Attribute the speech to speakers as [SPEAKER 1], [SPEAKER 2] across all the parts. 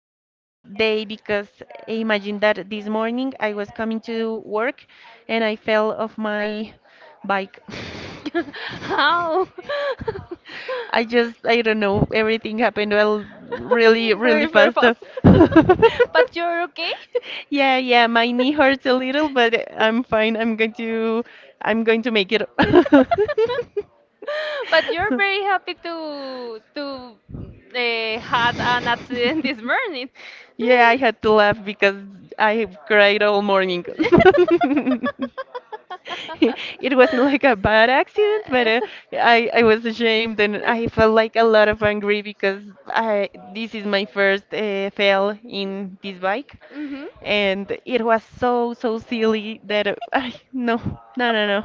[SPEAKER 1] a tough day because imagine that this morning I was coming to work and I fell off my bike.
[SPEAKER 2] How?
[SPEAKER 1] I don't know, everything happened well, really, really
[SPEAKER 2] Very, very
[SPEAKER 1] fast.
[SPEAKER 2] fast. But you're okay?
[SPEAKER 1] Yeah, yeah, my knee hurts a little, but I'm fine. I'm going to make it.
[SPEAKER 2] But you're very happy to had an accident this morning.
[SPEAKER 1] Yeah, I had to laugh because I have cried all morning. It wasn't like a bad accident, but I was ashamed and I felt like a lot of angry because I this is my first fail in this bike,
[SPEAKER 2] Mhm.
[SPEAKER 1] and it was so silly that I no no.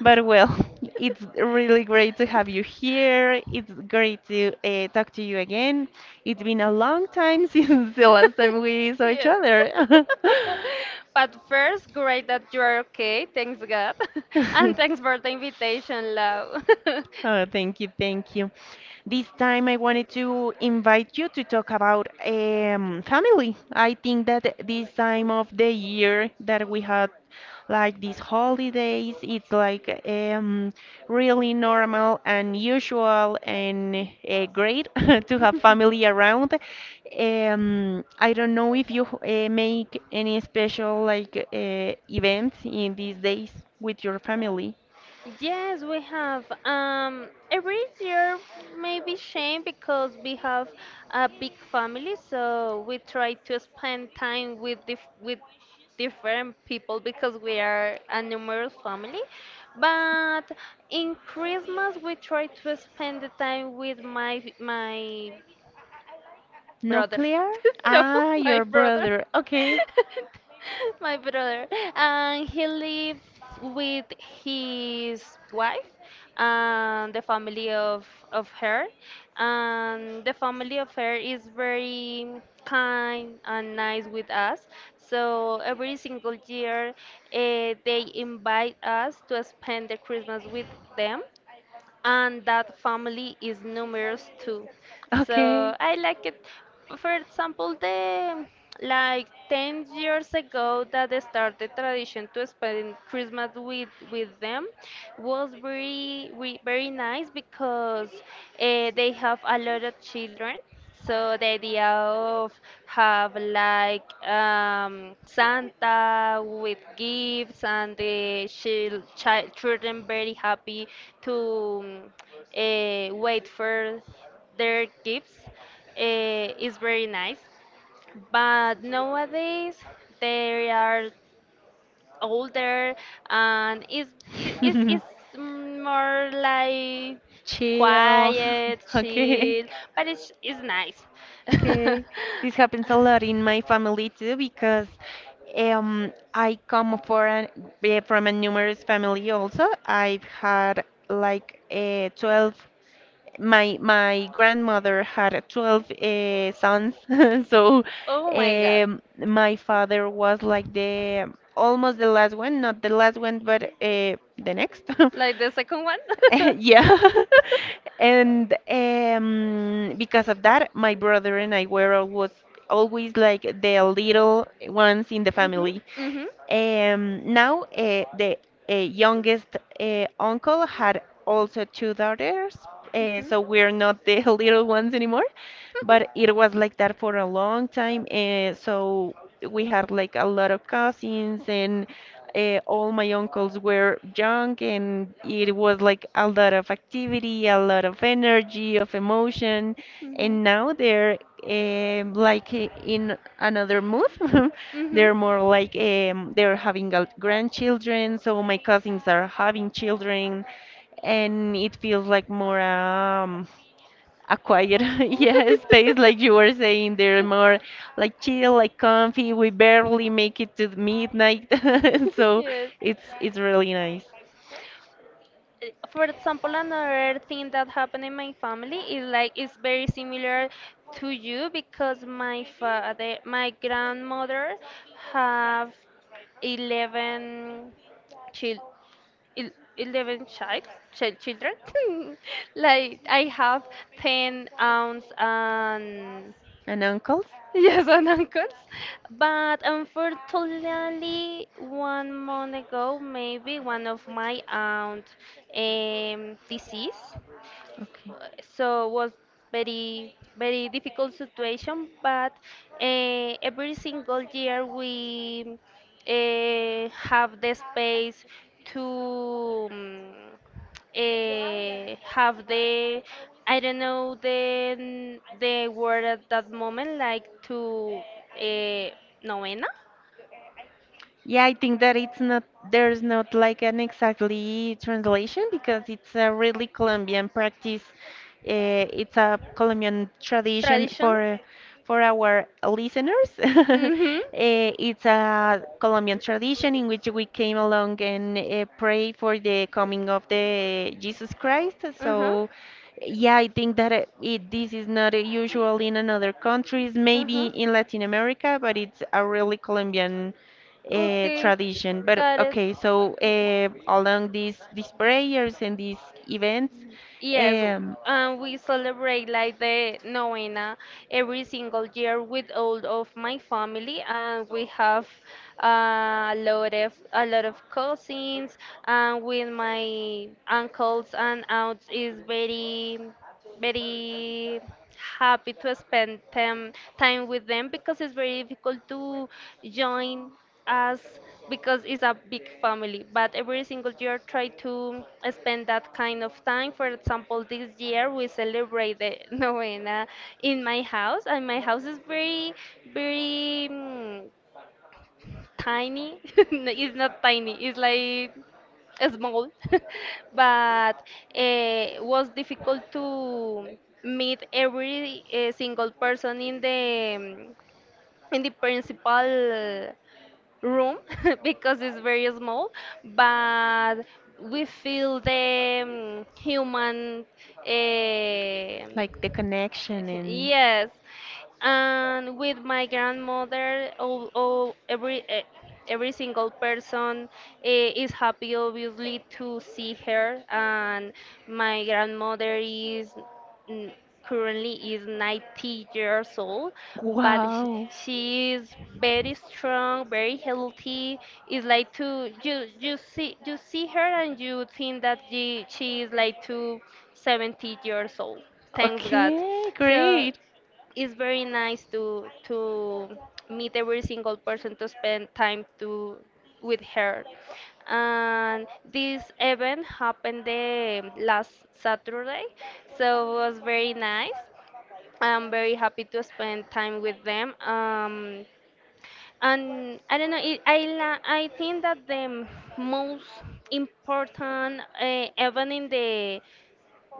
[SPEAKER 1] But well, it's really great to have you here. It's great to talk to you again. It's been a long time since the last time we saw each
[SPEAKER 2] Yes.
[SPEAKER 1] other.
[SPEAKER 2] But first, great that you are okay. Thanks God, and thanks for the invitation, Lau.
[SPEAKER 1] Oh, thank you, thank you. This time I wanted to invite you to talk about family. I think that this time of the year that we had like these holidays, it's like really normal and usual and great to have family around. I don't know if you make any special like events in these days with your family.
[SPEAKER 2] Yes, we have. Every year may be shame because we have a big family, so we try to spend time with with different people because we are a numerous family. But in Christmas, we try to spend the time with my
[SPEAKER 1] No,
[SPEAKER 2] brother.
[SPEAKER 1] Claire?
[SPEAKER 2] No,
[SPEAKER 1] Ah,
[SPEAKER 2] my
[SPEAKER 1] your
[SPEAKER 2] brother.
[SPEAKER 1] brother. Okay.
[SPEAKER 2] My brother. And he lives with his wife and the family of her. And the family of her is very kind and nice with us. So every single year, they invite us to spend the Christmas with them, and that family is numerous too. So
[SPEAKER 1] Okay.
[SPEAKER 2] I like it. For example, the like 10 years ago that I started tradition to spend Christmas with them was very nice because they have a lot of children, so the idea of have like Santa with gifts and the children very happy to wait for their gifts, is very nice. But nowadays there are older, and is it is it's more like
[SPEAKER 1] Chill.
[SPEAKER 2] quiet,
[SPEAKER 1] Okay.
[SPEAKER 2] chill, but it's nice.
[SPEAKER 1] Okay, this happens a lot in my family too because I come for an, from a numerous family also. I've had like my grandmother had 12 sons, so
[SPEAKER 2] Oh my god.
[SPEAKER 1] my father was like the almost the last one, not the last one, but the next.
[SPEAKER 2] Like the second one?
[SPEAKER 1] yeah. And because of that, my brother and I were always like the little ones in the
[SPEAKER 2] Mhm.
[SPEAKER 1] family.
[SPEAKER 2] Mhm. Mhm.
[SPEAKER 1] Now, the youngest uncle had also two daughters, so we're not the little ones anymore, but it was like that for a long time. So we had like a lot of cousins, and all my uncles were young, and it was like a lot of activity, a lot of energy, of emotion,
[SPEAKER 2] Mhm.
[SPEAKER 1] and now they're like in another mood. They're more like they're having grandchildren, so my cousins are having children, and
[SPEAKER 2] Mhm.
[SPEAKER 1] it feels like more a quiet, yeah, space, like you were saying. They're more like chill, like comfy. We barely make it to the midnight, so
[SPEAKER 2] Yes.
[SPEAKER 1] it's really nice.
[SPEAKER 2] For example, another thing that happened in my family is like it's very similar to you because my grandmother have 11 children el- 11 child, child children. Like I have 10 aunts and
[SPEAKER 1] And uncles?
[SPEAKER 2] yes, and uncles. But unfortunately, one month ago, maybe one of my aunt deceased,
[SPEAKER 1] Okay.
[SPEAKER 2] so was very, very difficult situation. But every single year we have the space to have the, I don't know, the word at that moment, like to uh, novena
[SPEAKER 1] Yeah, I think that it's not, there's not like an exactly translation because it's a really Colombian practice. It's a Colombian tradition
[SPEAKER 2] tradition.
[SPEAKER 1] for our listeners.
[SPEAKER 2] Mhm.
[SPEAKER 1] It's a Colombian tradition in which we came along and pray for the coming of the Jesus Christ.
[SPEAKER 2] Uh huh.
[SPEAKER 1] So, yeah, I think that this is not usual in another countries,
[SPEAKER 2] Uh
[SPEAKER 1] maybe
[SPEAKER 2] huh.
[SPEAKER 1] in Latin America, but it's a really Colombian
[SPEAKER 2] Okay.
[SPEAKER 1] tradition. But
[SPEAKER 2] Got it.
[SPEAKER 1] okay, so along these prayers and these events,
[SPEAKER 2] Yes,
[SPEAKER 1] um,
[SPEAKER 2] and we celebrate like the novena every single year with all of my family, and we have a lot of cousins, and with my uncles and aunts is very, very happy to spend time with them because it's very difficult to join us because it's a big family. But every single year, try to spend that kind of time. For example, this year we celebrate the novena in my house, and my house is very, very tiny. No, it's not tiny. It's like small, but it was difficult to meet every single person in um, the principal room because it's very small. But we feel the human.
[SPEAKER 1] like the
[SPEAKER 2] Uh,
[SPEAKER 1] connection and
[SPEAKER 2] Yes, and with my grandmother, oh, oh, every single person, is happy, obviously, to see her. And my grandmother is mm, currently is 90 years old, but sh-
[SPEAKER 1] wow,
[SPEAKER 2] she is very strong, very healthy. It's like to you you see her, and you think that she is like to 70 years old. Thanks God.
[SPEAKER 1] okay,
[SPEAKER 2] So
[SPEAKER 1] great.
[SPEAKER 2] it's very nice to meet every single person, to spend time to with her, and this event happened the last Saturday. So it was very nice. I'm very happy to spend time with them. And I don't know, I think that the most important event in the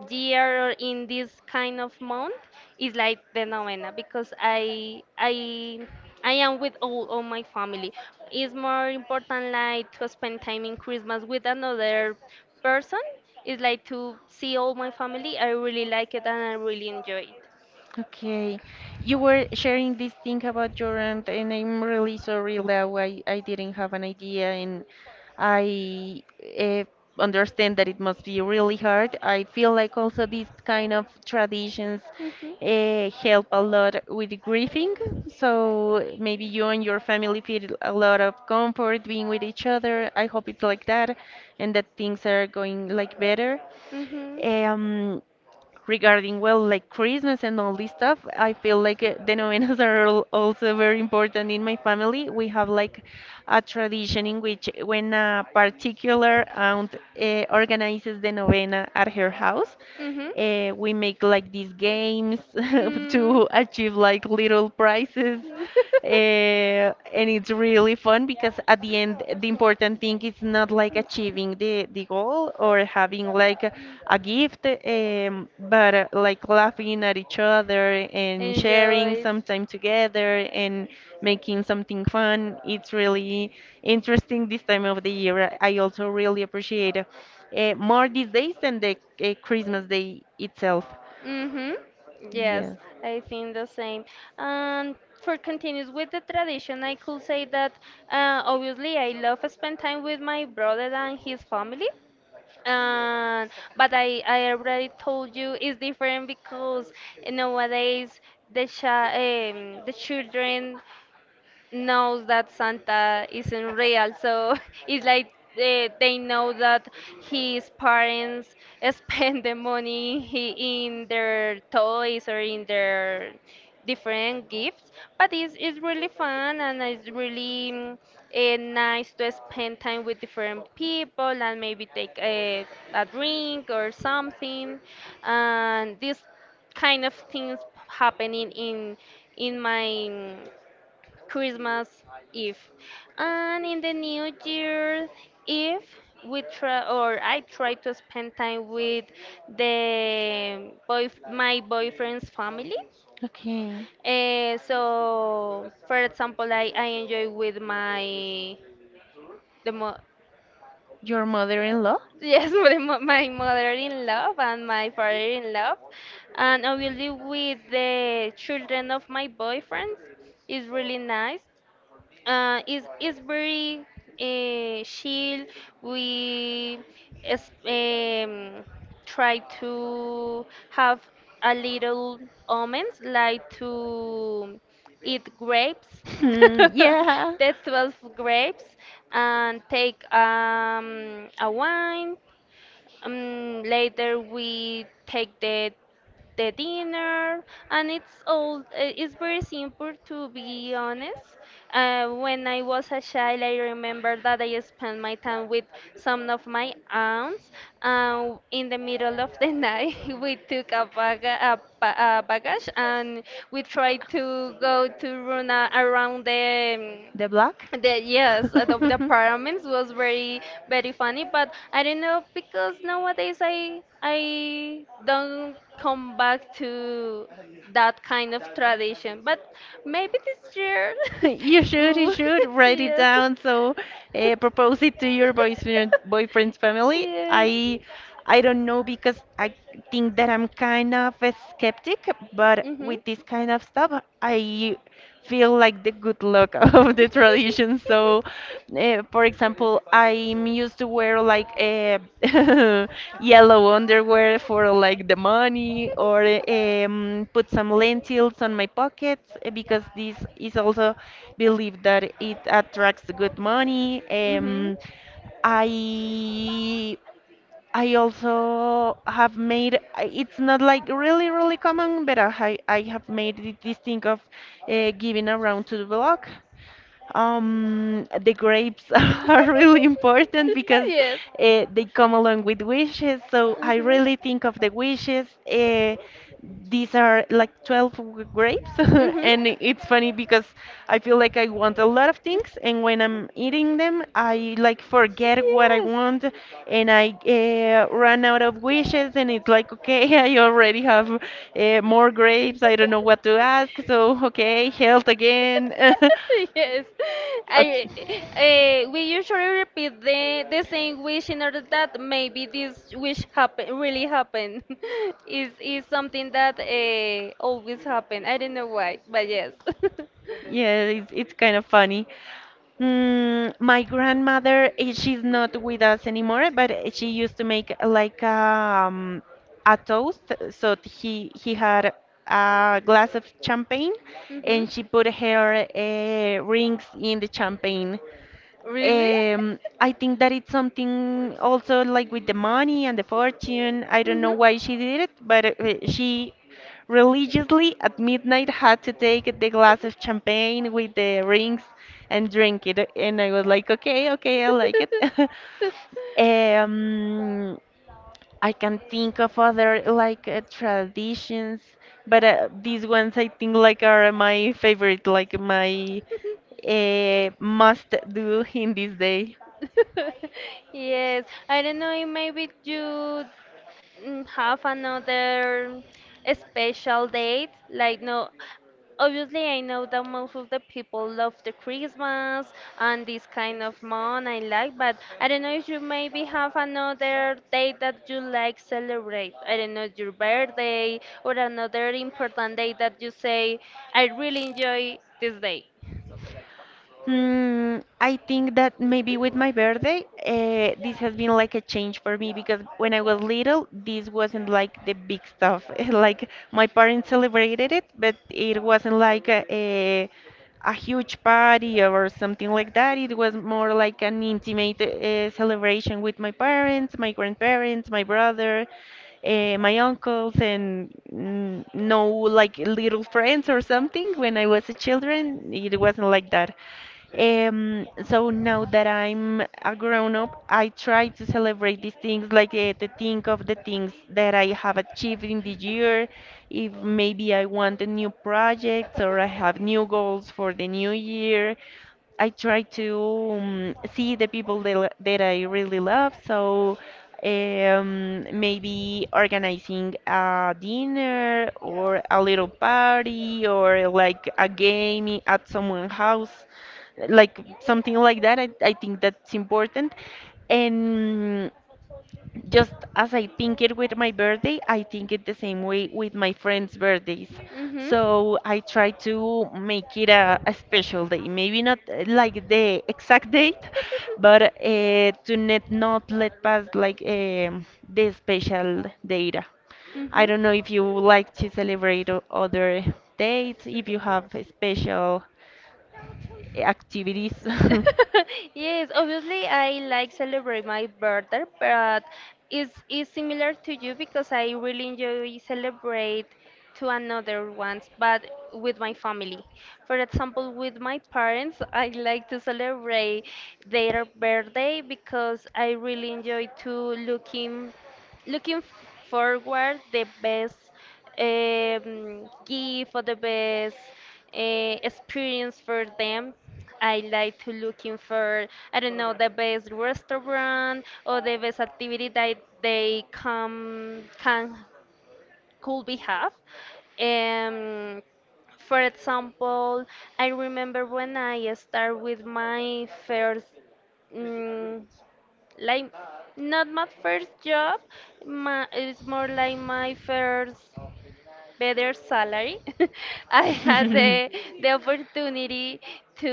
[SPEAKER 2] year or in this kind of month is like the novena because I am with all my family. It's more important like to spend time in Christmas with another person. It's like to see all my family. I really like it, and I really enjoy it.
[SPEAKER 1] Okay, you were sharing this thing about your aunt, and I'm really sorry, Lau. I didn't have an idea, and I uh, understand that it must be really hard. I feel like also these kind of traditions
[SPEAKER 2] Mhm.
[SPEAKER 1] help a lot with grieving. So maybe you and your family feel a lot of comfort being with each other. I hope it's like that, and that things are going like better.
[SPEAKER 2] Mhm.
[SPEAKER 1] Um, Regarding well like Christmas and all this stuff, I feel like the novenas are also very important in my family. We have like a tradition in which when a particular aunt organizes the novena at her house,
[SPEAKER 2] Mhm.
[SPEAKER 1] we make like these games
[SPEAKER 2] Mm
[SPEAKER 1] to achieve like little prizes, and it's really fun because at the end, the important thing is not like achieving the goal or having like a gift, but like laughing at each other and sharing
[SPEAKER 2] enjoyed.
[SPEAKER 1] some time together and making something fun. It's really interesting this time of the year. I also really appreciate it more these days than the Christmas day itself.
[SPEAKER 2] Mm-hmm. Yes,
[SPEAKER 1] Yes.
[SPEAKER 2] I think the same. And for continues with the tradition, I could say that obviously I love spend time with my brother and his family. And but I already told you it's different because nowadays the children knows that Santa isn't real. So it's like they know that his parents spend the money, in their toys or in their different gifts. But it's really fun, and it's really nice to spend time with different people and maybe take a drink or something. And this kind of things happening in my Christmas Eve, and in the New Year Eve, we try, or I try, to spend time with the boy my boyfriend's family.
[SPEAKER 1] Okay.
[SPEAKER 2] So, for example, I enjoy with my the mo
[SPEAKER 1] Your mother-in-law?
[SPEAKER 2] yes, with my mother-in-law and my father-in-law, and obviously with the children of my boyfriends. It's really nice. Is very chill. We is, um, try to have a little almonds, like to eat grapes,
[SPEAKER 1] Hmm, yeah.
[SPEAKER 2] the 12 grapes, and take a wine. Later we take the dinner, and it's all eh, it's very simple, to be honest. When I was a child, I remember that I spent my time with some of my aunts in the middle of the night. We took a baggage, and we tried to go to run around the
[SPEAKER 1] The block?
[SPEAKER 2] yes, the pyramids. Was very, very funny, but I don't know because nowadays I don't come back to that kind of tradition. But maybe this year,
[SPEAKER 1] You
[SPEAKER 2] Ooh,
[SPEAKER 1] should write it
[SPEAKER 2] yes,
[SPEAKER 1] down. So, propose it to your boyfriend's family.
[SPEAKER 2] yes.
[SPEAKER 1] I don't know because I think that I'm kind of a skeptic, but
[SPEAKER 2] Mhm.
[SPEAKER 1] with this kind of stuff, I feel like the good luck of the tradition. So, for example, I'm used to wear like a yellow underwear for like the money, or put some lentils on my pockets because this is also believed that it attracts good money.
[SPEAKER 2] Mhm.
[SPEAKER 1] I I also have made it's not like really common, but I have made it this thing of giving a round to the block. The grapes are really important because
[SPEAKER 2] Yes.
[SPEAKER 1] they come along with wishes. So I really think of the wishes. These are like 12 grapes,
[SPEAKER 2] Mhm.
[SPEAKER 1] and it's funny because I feel like I want a lot of things, and when I'm eating them, I
[SPEAKER 2] Mhm.
[SPEAKER 1] like forget what I want, and I run out of wishes, and it's like, okay, I already have more grapes. I don't know what to ask, so okay, health again.
[SPEAKER 2] Yes,
[SPEAKER 1] Okay.
[SPEAKER 2] I we usually repeat the same wish in order that maybe this wish happen really happen. Is something that always happen. I don't know why, but yes.
[SPEAKER 1] Yeah, it's kind of funny. Mm, my grandmother, eh, she's not with us anymore, but eh, she used to make like a toast. So he had a glass of champagne,
[SPEAKER 2] Mhm.
[SPEAKER 1] and she put her rings in the champagne.
[SPEAKER 2] Really?
[SPEAKER 1] I think that it's something also like with the money and the fortune. I don't know why she did it, but she religiously at midnight had to take the glass of champagne with the rings and drink it. And I was like, okay, okay, I like it. Um, I can think of other like traditions, but these ones I think like are my favorite, like my
[SPEAKER 2] Mhm.
[SPEAKER 1] must do in this day.
[SPEAKER 2] Yes, I don't know if maybe you, have another special date. Like, no, obviously, I know that most of the people love the Christmas and this kind of month I like, but I don't know if you maybe have another date that you like celebrate. I don't know, your birthday or another important day that you say, I really enjoy this day.
[SPEAKER 1] Mm, I think that maybe with my birthday, this has been like a change for me because when I was little, this wasn't like the big stuff. Like my parents celebrated it, but it wasn't like a huge party or something like that. It was more like an intimate celebration with my parents, my grandparents, my brother, my uncles and mm, no like little friends or something when I was a children. It wasn't like that. So now that I'm a grown up, I try to celebrate these things, like to think of the things that I have achieved in the year. If maybe I want a new project or I have new goals for the new year, I try to see the people that I really love. So maybe organizing a dinner or a little party or like a game at someone's house, like something like that. I think that's important. And just as I think it with my birthday, I think it the same way with my friends' birthdays.
[SPEAKER 2] Mm-hmm.
[SPEAKER 1] So I try to make it a special day. Maybe not like the exact date, but to net not let pass like the special data.
[SPEAKER 2] Hmm.
[SPEAKER 1] I don't know if you would like to celebrate other dates, if you have a special activities.
[SPEAKER 2] Yes, obviously I like celebrate my birthday, but it's similar to you because I really enjoy celebrate to another ones, but with my family. For example, with my parents, I like to celebrate their birthday because I really enjoy to forward the best gift or the best experience for them. I like to looking for, I don't know, the best restaurant or the best activity that they come can could be have. Um, for example, I remember when I start with my first. mm like not my first job, my, it's more like my first better salary. I had the opportunity to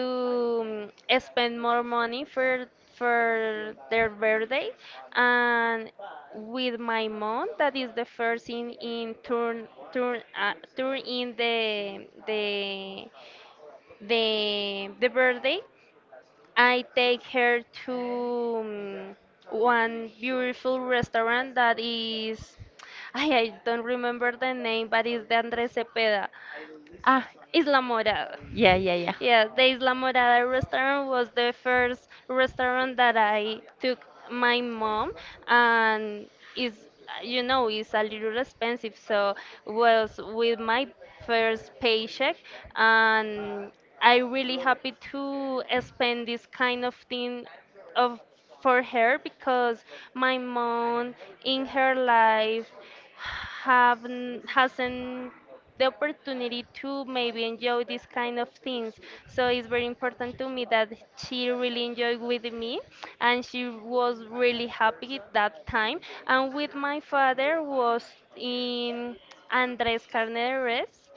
[SPEAKER 2] spend more money for their birthday, and with my mom that is the first in turn in the birthday. I take her to um, one beautiful restaurant that is, I don't remember the name, but it's the Andres Cepeda.
[SPEAKER 1] Ah,
[SPEAKER 2] Isla Morada.
[SPEAKER 1] yeah, yeah, yeah.
[SPEAKER 2] Yeah, the Isla Morada restaurant was the first restaurant that I took my mom, and is, it's a little expensive, so was with my first paycheck, and I really happy to spend this kind of thing, of for her because my mom in her life haven't hasn't the opportunity to maybe enjoy these kind of things. So it's very important to me that she really enjoyed with me, and she was really happy that time. And with my father was in Andres Carneres,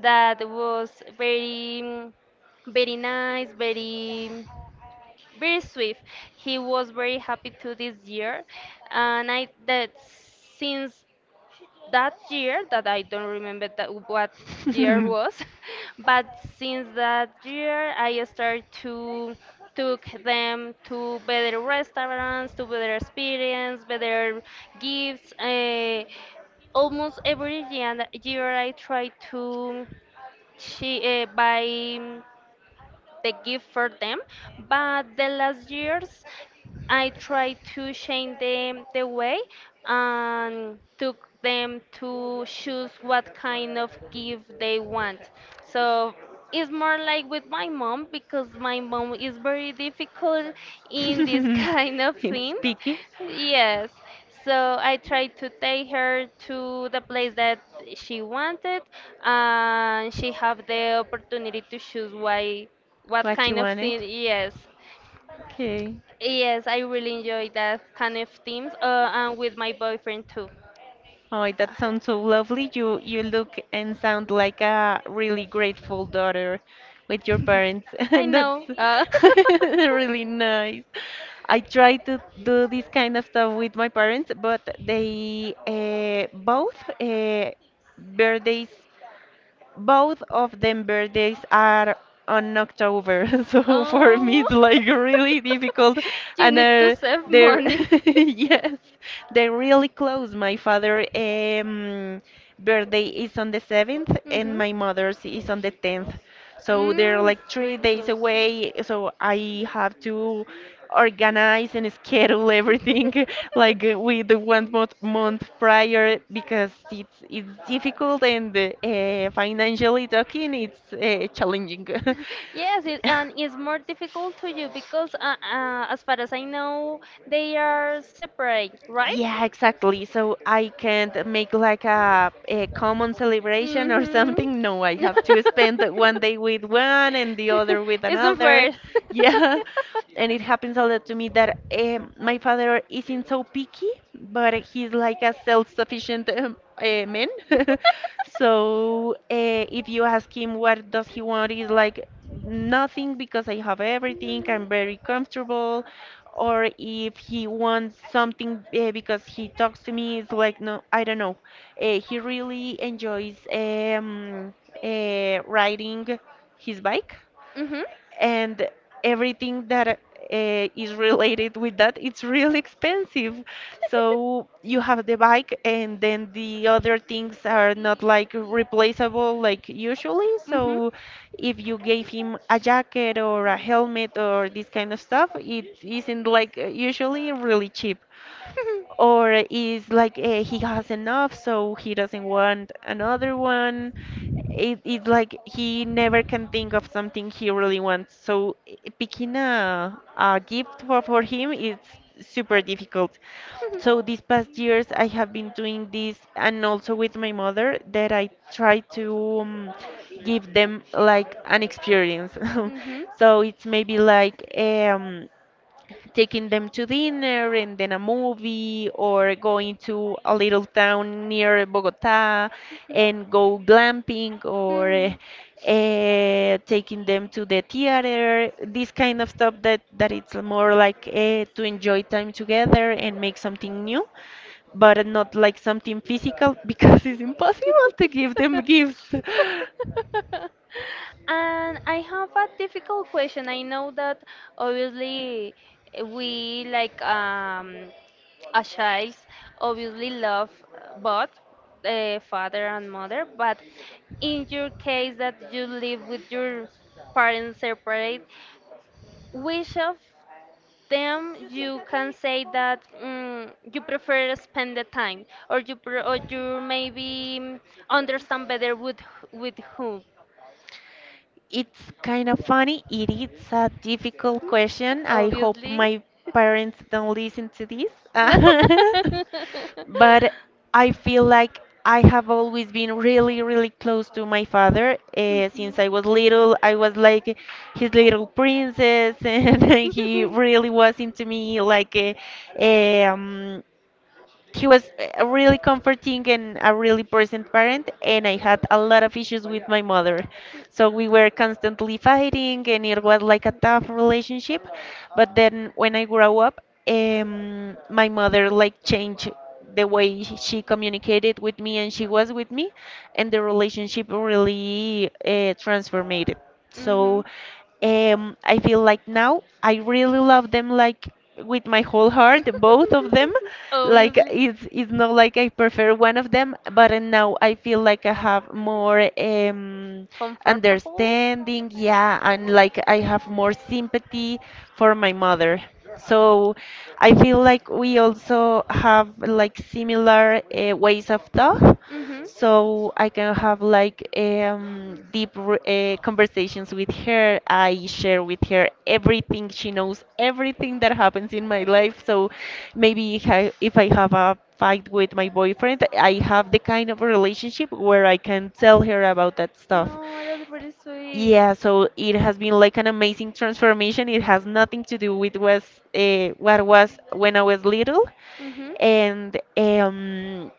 [SPEAKER 2] that was very nice, very, very swift. He was very happy to this year, and I, that since that year that I don't remember that what year was, but since that year I started to took them to better restaurants, to better experience, better gifts. Almost every year I try to buy the gift for them. But the last years, I tried to change them the way and took them to choose what kind of gift they want. So it's more like with my mom because my mom is very difficult in this kind of
[SPEAKER 1] It's
[SPEAKER 2] things.
[SPEAKER 1] picky.
[SPEAKER 2] Yes. So I tried to take her to the place that she wanted, and she have the opportunity to choose why what
[SPEAKER 1] What you
[SPEAKER 2] kind of
[SPEAKER 1] wanted?
[SPEAKER 2] thing, yes,
[SPEAKER 1] Okay.
[SPEAKER 2] yes, I really enjoy that kind of themes. And with my boyfriend too.
[SPEAKER 1] Oh, that sounds so lovely. You look and sound like a really grateful daughter with your parents.
[SPEAKER 2] I know,
[SPEAKER 1] That's really nice. I try to do this kind of stuff with my parents, but they birthdays Both of them birthdays are on October, so for me
[SPEAKER 2] Oh,
[SPEAKER 1] it's like really difficult.
[SPEAKER 2] you
[SPEAKER 1] And
[SPEAKER 2] need to save
[SPEAKER 1] they're
[SPEAKER 2] money.
[SPEAKER 1] yes, they're really close. My father birthday is on the seventh, and
[SPEAKER 2] Hmm.
[SPEAKER 1] my mother's is on the tenth. So they're like
[SPEAKER 2] It's
[SPEAKER 1] three
[SPEAKER 2] very
[SPEAKER 1] days
[SPEAKER 2] close.
[SPEAKER 1] away, so I have to organize and schedule everything like with the month prior because it's difficult and financially talking, it's challenging.
[SPEAKER 2] Yes, and it's more difficult to you because, as far as I know, they are separate, right?
[SPEAKER 1] Yeah, exactly. So I can't make like a common celebration or
[SPEAKER 2] Mm-hmm.
[SPEAKER 1] something. No, I have to spend one day with one and the other with
[SPEAKER 2] It's
[SPEAKER 1] another.
[SPEAKER 2] unfair.
[SPEAKER 1] Yeah. And it happens a lot to me that my father isn't so picky, but he's like a self-sufficient man. So if you ask him what does he want, he's like nothing because I have everything. I'm very comfortable or if he wants something because he talks to me, it's like, no, I don't know. He really enjoys riding his bike
[SPEAKER 2] Mm-hmm.
[SPEAKER 1] and everything that is related with that it's really expensive, so you have the bike and then the other things are not like replaceable like usually.
[SPEAKER 2] Mm-hmm.
[SPEAKER 1] So if you gave him a jacket or a helmet or this kind of stuff, it isn't like usually really cheap, or is like he has enough, so he doesn't want another one. It's like he never can think of something he really wants, so picking a gift for him is super difficult. So these past years I have been doing this, and also with my mother, that I try to give them like an experience so it's maybe like taking them to dinner and then a movie, or going to a little town near Bogota and go glamping, or taking them to the theater, this kind of stuff that it's more like to enjoy time together and make something new, but not like something physical because it's impossible to give them gifts.
[SPEAKER 2] And I have a difficult question. I know that obviously we like a child obviously love both the father and mother, but in your case that you live with your parents separate, which of them you can say that you prefer to spend the time or or you maybe understand better with with who
[SPEAKER 1] It's kind of funny. It is a difficult question. I hope
[SPEAKER 2] obviously
[SPEAKER 1] my parents don't listen to this. But I feel like I have always been really, really close to my father. Since
[SPEAKER 2] Mhm.
[SPEAKER 1] I was little, I was like his little princess, and he really was into me. Like, um, he was a really comforting and a really present parent, and I had a lot of issues with my mother, so we were constantly fighting and it was like a tough relationship. But then when I grew up, my mother like changed the way she communicated with me and she was with me, and the relationship really transformed.
[SPEAKER 2] Mhm.
[SPEAKER 1] So I feel like now I really love them, like with my whole heart, both of them. Like
[SPEAKER 2] Obviously.
[SPEAKER 1] it's not like I prefer one of them, but now I feel like I have more
[SPEAKER 2] Comfortable?
[SPEAKER 1] understanding, yeah, and like I have more sympathy for my mother. So I feel like we also have like similar ways of talk.
[SPEAKER 2] Mhm.
[SPEAKER 1] So I can have like deep conversations with her. I share with her everything she knows, everything that happens in my life. So maybe if I have a fight with my boyfriend, I have the kind of relationship where I can tell her about that stuff.
[SPEAKER 2] No, that's really sweet.
[SPEAKER 1] Yeah, so it has been like an amazing transformation. It has nothing to do with was what was when I was little,
[SPEAKER 2] Mhm.
[SPEAKER 1] and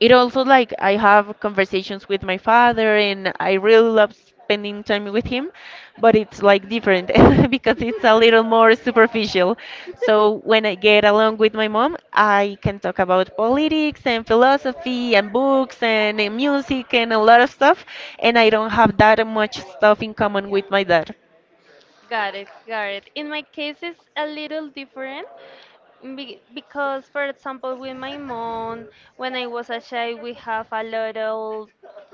[SPEAKER 1] it also like I have conversations with my father and I really love spending time with him, but it's like different because it's a little more superficial. So when I get along with my mom, I can talk about politics and philosophy and books and music and a lot of stuff, and I don't have that much stuff in common with my dad.
[SPEAKER 2] Got it, got it. In my case, it's a little different because, for example, with my mom, when I was a child, we have a lot of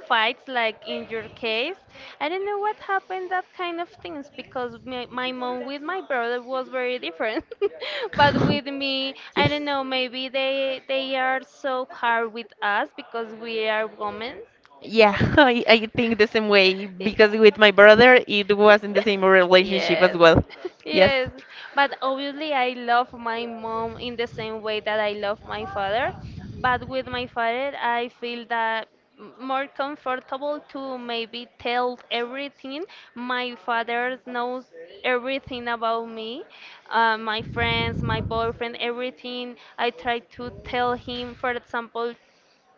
[SPEAKER 2] fights, like in your case. I don't know what happened, that kind of things, because my mom with my brother was very different. But with me, I
[SPEAKER 1] Yes.
[SPEAKER 2] don't know, maybe they are so hard with us because we are women.
[SPEAKER 1] Yeah, I think the same way because with my brother it was not the same relationship as
[SPEAKER 2] yes.
[SPEAKER 1] well. Yes.
[SPEAKER 2] Yes, but obviously I love my mom in the same way that I love my father. But with my father, I feel that more comfortable to maybe tell everything. My father knows everything about me, my friends, my boyfriend, everything. I try to tell him, for example,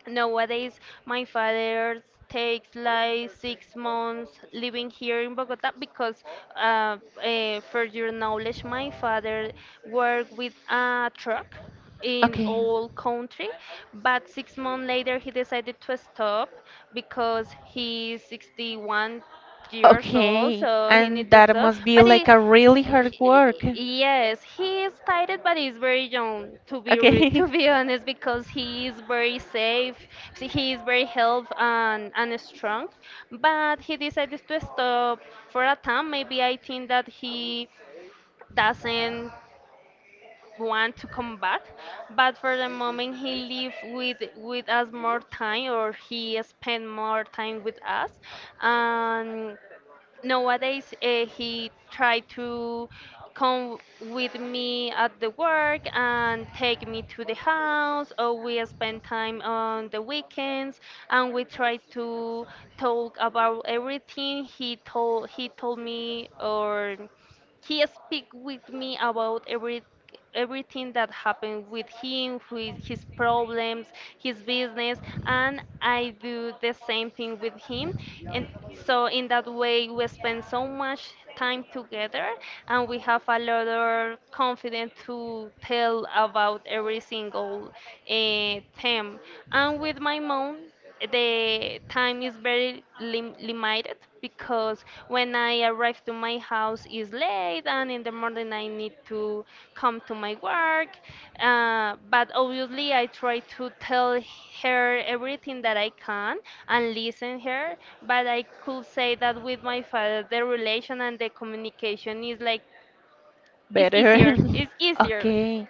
[SPEAKER 2] nowadays, my father takes like 6 months living here in Bogota because, uh, for your knowledge, my father worked with a truck in
[SPEAKER 1] Okay.
[SPEAKER 2] all country, but 6 months later he decided to stop because he's 61 years old,
[SPEAKER 1] Okay.
[SPEAKER 2] so he
[SPEAKER 1] And
[SPEAKER 2] need to
[SPEAKER 1] that
[SPEAKER 2] stop.
[SPEAKER 1] must be
[SPEAKER 2] But
[SPEAKER 1] like a really hard work.
[SPEAKER 2] yes, he is tired, but he's very young. To be re
[SPEAKER 1] Okay.
[SPEAKER 2] to be honest, because he is very safe, so he is very health and strong. But he decided to stop for a time. Maybe I think that he doesn't want to come back but for the moment he live with us more time or he spend more time with us and nowadays he tried to come with me at the work and take me to the house or we spend time on the weekends and we try to talk about everything he told me or he speak with me about everything that happened with him, with his problems, his business, and I do the same thing with him. And so in that way we spend so much time together and we have a lot of confidence to tell about every single theme. And with my mom, the time is very limited because when I arrive to my house is late and in the morning I need to come to my work. But obviously I try to tell her everything that I can and listen her. But I could say that with my father the relation and the communication is like it's
[SPEAKER 1] Better.
[SPEAKER 2] easier. It's easier.
[SPEAKER 1] Okay.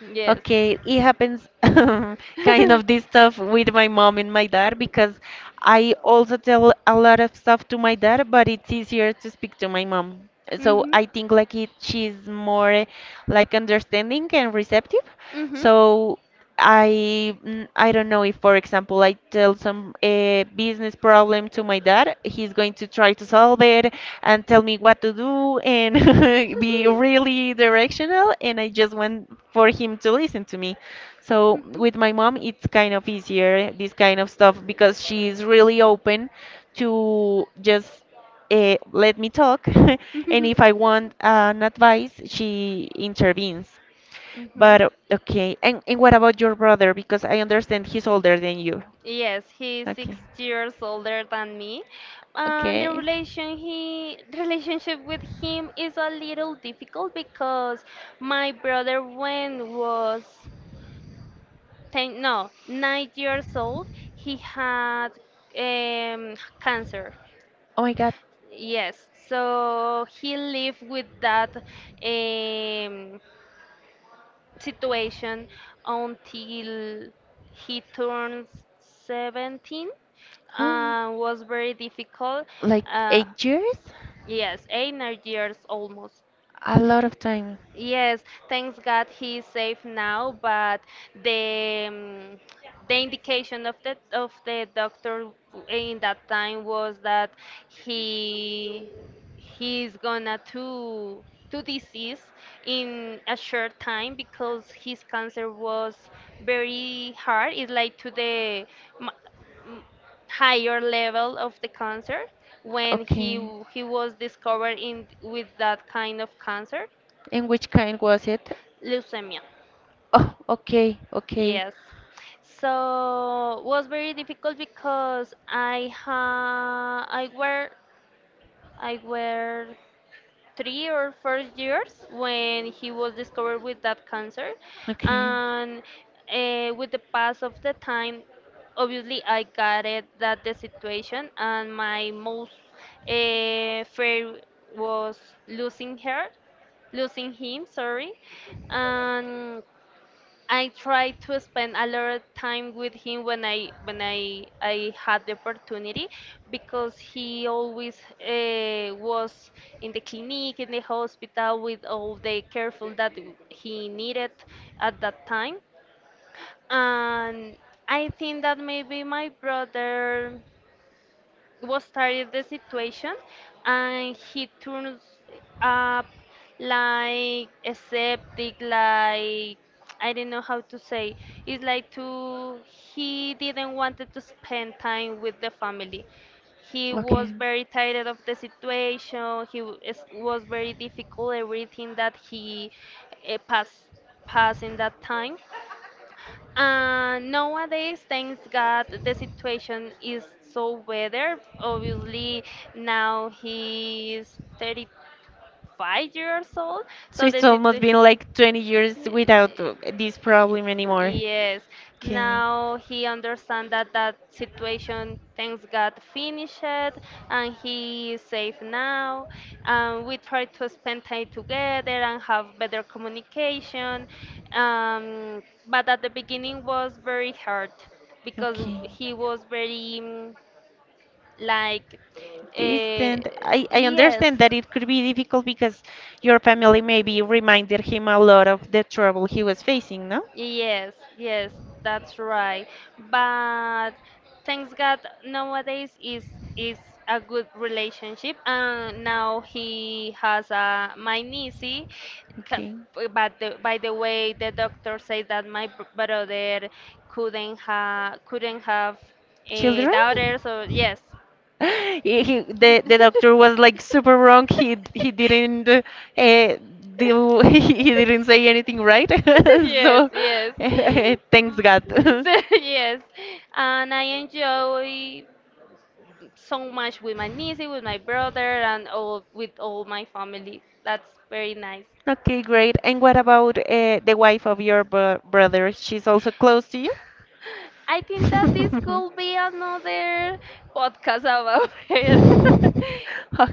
[SPEAKER 2] Yes.
[SPEAKER 1] Okay, it happens kind of this stuff with my mom and my dad because I also tell a lot of stuff to my dad, but it's easier to speak to my mom. So
[SPEAKER 2] hmm
[SPEAKER 1] I think like it she's more like understanding and receptive.
[SPEAKER 2] Mm-hmm.
[SPEAKER 1] So I mm, I don't know if, for example, I tell some business problem to my dad, he's going to try to solve it and tell me what to do and be really directional, and I just want for him to listen to me. So with my mom, it's kind of easier this kind of stuff because she's really open to just let me talk, and
[SPEAKER 2] Mhm.
[SPEAKER 1] if I want an advice, she intervenes.
[SPEAKER 2] Mhm.
[SPEAKER 1] But okay, and what about your brother? Because I understand he's older than you.
[SPEAKER 2] Yes, he's six
[SPEAKER 1] Okay.
[SPEAKER 2] years older than me, and the
[SPEAKER 1] Okay.
[SPEAKER 2] relation he relationship with him is a little difficult because my brother, when was ten, no, 9 years old, he had um, cancer.
[SPEAKER 1] Oh my God.
[SPEAKER 2] Yes, so he lived with that. Um, Situation until he turns 17 was very difficult.
[SPEAKER 1] Like
[SPEAKER 2] Uh,
[SPEAKER 1] 8 years?
[SPEAKER 2] yes, 8 9 years almost.
[SPEAKER 1] A lot of time.
[SPEAKER 2] Yes, thanks God he's safe now, but the um, the indication of the doctor in that time was that he he's gonna to disease in a short time because his cancer was very hard. It's like to the m- higher level of the cancer when
[SPEAKER 1] Okay.
[SPEAKER 2] he was discovered in with that kind of cancer,
[SPEAKER 1] And which kind was it?
[SPEAKER 2] leukemia.
[SPEAKER 1] Oh, okay, okay.
[SPEAKER 2] Yes. So was very difficult because I were 3 or 4 years when he was discovered with that cancer,
[SPEAKER 1] Okay.
[SPEAKER 2] and with the pass of the time, obviously I got it that the situation and my most fear was losing her, losing him. Sorry, and. I tried to spend a lot of time with him when I had the opportunity because he always was in the clinic in the hospital with all the careful that he needed at that time and I think that maybe my brother was started the situation and he turns up like aseptic like I don't know how to say it's like to he didn't wanted to spend time with the family he was
[SPEAKER 1] Okay.
[SPEAKER 2] very tired of the situation he was very difficult everything that he uh, passed pass in that time nowadays, thanks God, the situation is so better. Obviously, now he's 35 years old,
[SPEAKER 1] So
[SPEAKER 2] so the
[SPEAKER 1] it's
[SPEAKER 2] wow.
[SPEAKER 1] almost been like 20 years without
[SPEAKER 2] sit-
[SPEAKER 1] this problem anymore.
[SPEAKER 2] Yes,
[SPEAKER 1] Okay.
[SPEAKER 2] now he understand that that situation, things got finished and he is safe now. And we try to spend time together and have better communication. But at the beginning was very hard because
[SPEAKER 1] Okay.
[SPEAKER 2] he was very like, uh,
[SPEAKER 1] Distant. I
[SPEAKER 2] yes,
[SPEAKER 1] understand that it could be difficult because your family maybe reminded him a lot of the trouble he was facing, no?
[SPEAKER 2] yes, yes, that's right. But thanks God nowadays is a good relationship and now he has a my niece ca-
[SPEAKER 1] Okay.
[SPEAKER 2] but by the way the doctor said that my brother couldn't have a
[SPEAKER 1] Children?
[SPEAKER 2] daughter so yes
[SPEAKER 1] The doctor was like super wrong. He didn't eh, do he didn't say anything right.
[SPEAKER 2] yes,
[SPEAKER 1] So
[SPEAKER 2] yes.
[SPEAKER 1] thanks
[SPEAKER 2] Mm,
[SPEAKER 1] God.
[SPEAKER 2] so, yes, and I enjoy. So much with my niece, with my brother, and all with all my family. That's very nice.
[SPEAKER 1] Okay, great. And what about the wife of your brother? She's also close to you?
[SPEAKER 2] I think that this could be another podcast about her.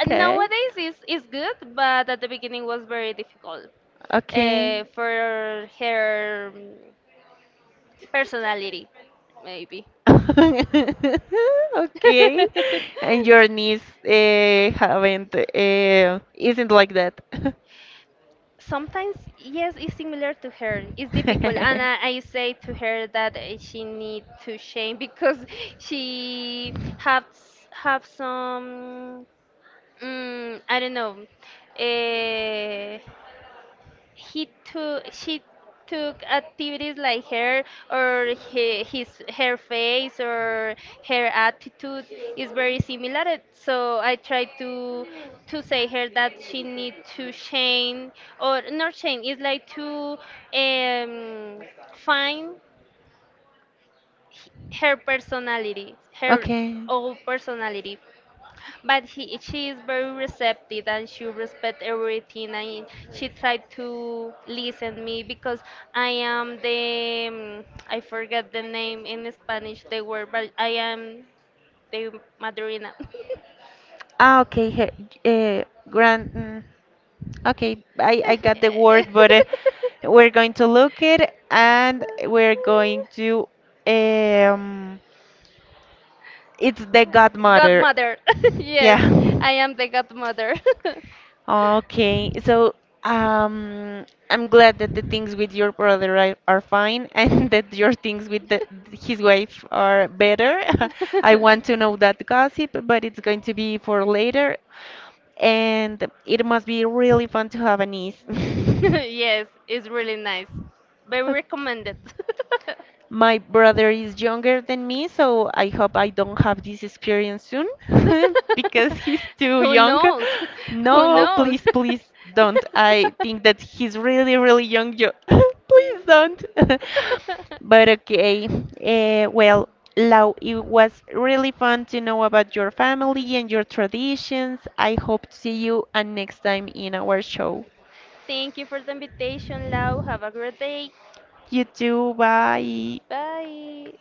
[SPEAKER 2] And nowadays is good, but at the beginning was very difficult
[SPEAKER 1] Okay.
[SPEAKER 2] for her personality, maybe.
[SPEAKER 1] Okay. And your niece haven't isn't like that.
[SPEAKER 2] sometimes yes it's similar to her it's difficult and I say to her that she need to change because she have some I don't know uh, he took she took activities like hair or he, his her face or her attitude is very similar so I try to say her that she need to change or not change it's like to um find h- her personality her
[SPEAKER 1] Okay.
[SPEAKER 2] own personality but she is very receptive and she respect everything and she tried to listen me because I am the I forget the name in Spanish the word but I am the madrina
[SPEAKER 1] Ah, okay. Her, uh, grand. Okay, I got the word, but we're going to look it and we're going to um it's the godmother.
[SPEAKER 2] godmother yes
[SPEAKER 1] Yeah.
[SPEAKER 2] I am the godmother
[SPEAKER 1] Okay, so um, I'm glad that the things with your brother are fine, and that your things with the, his wife are better. I want to know that gossip, but it's going to be for later, and it must be really fun to have a niece.
[SPEAKER 2] yes, it's really nice. Very
[SPEAKER 1] Ok-
[SPEAKER 2] recommended.
[SPEAKER 1] my brother is younger than me, so I hope I don't have this experience soon because he's too
[SPEAKER 2] Who
[SPEAKER 1] young.
[SPEAKER 2] knows? Who
[SPEAKER 1] No,
[SPEAKER 2] knows?
[SPEAKER 1] please, please don't. I think that he's really, really young. Please don't. But okay, well, Lau, it was really fun to know about your family and your traditions. I hope to see you and next time in our show.
[SPEAKER 2] Thank you for the invitation, Lau. Have a great day.
[SPEAKER 1] You too, bye.
[SPEAKER 2] Bye.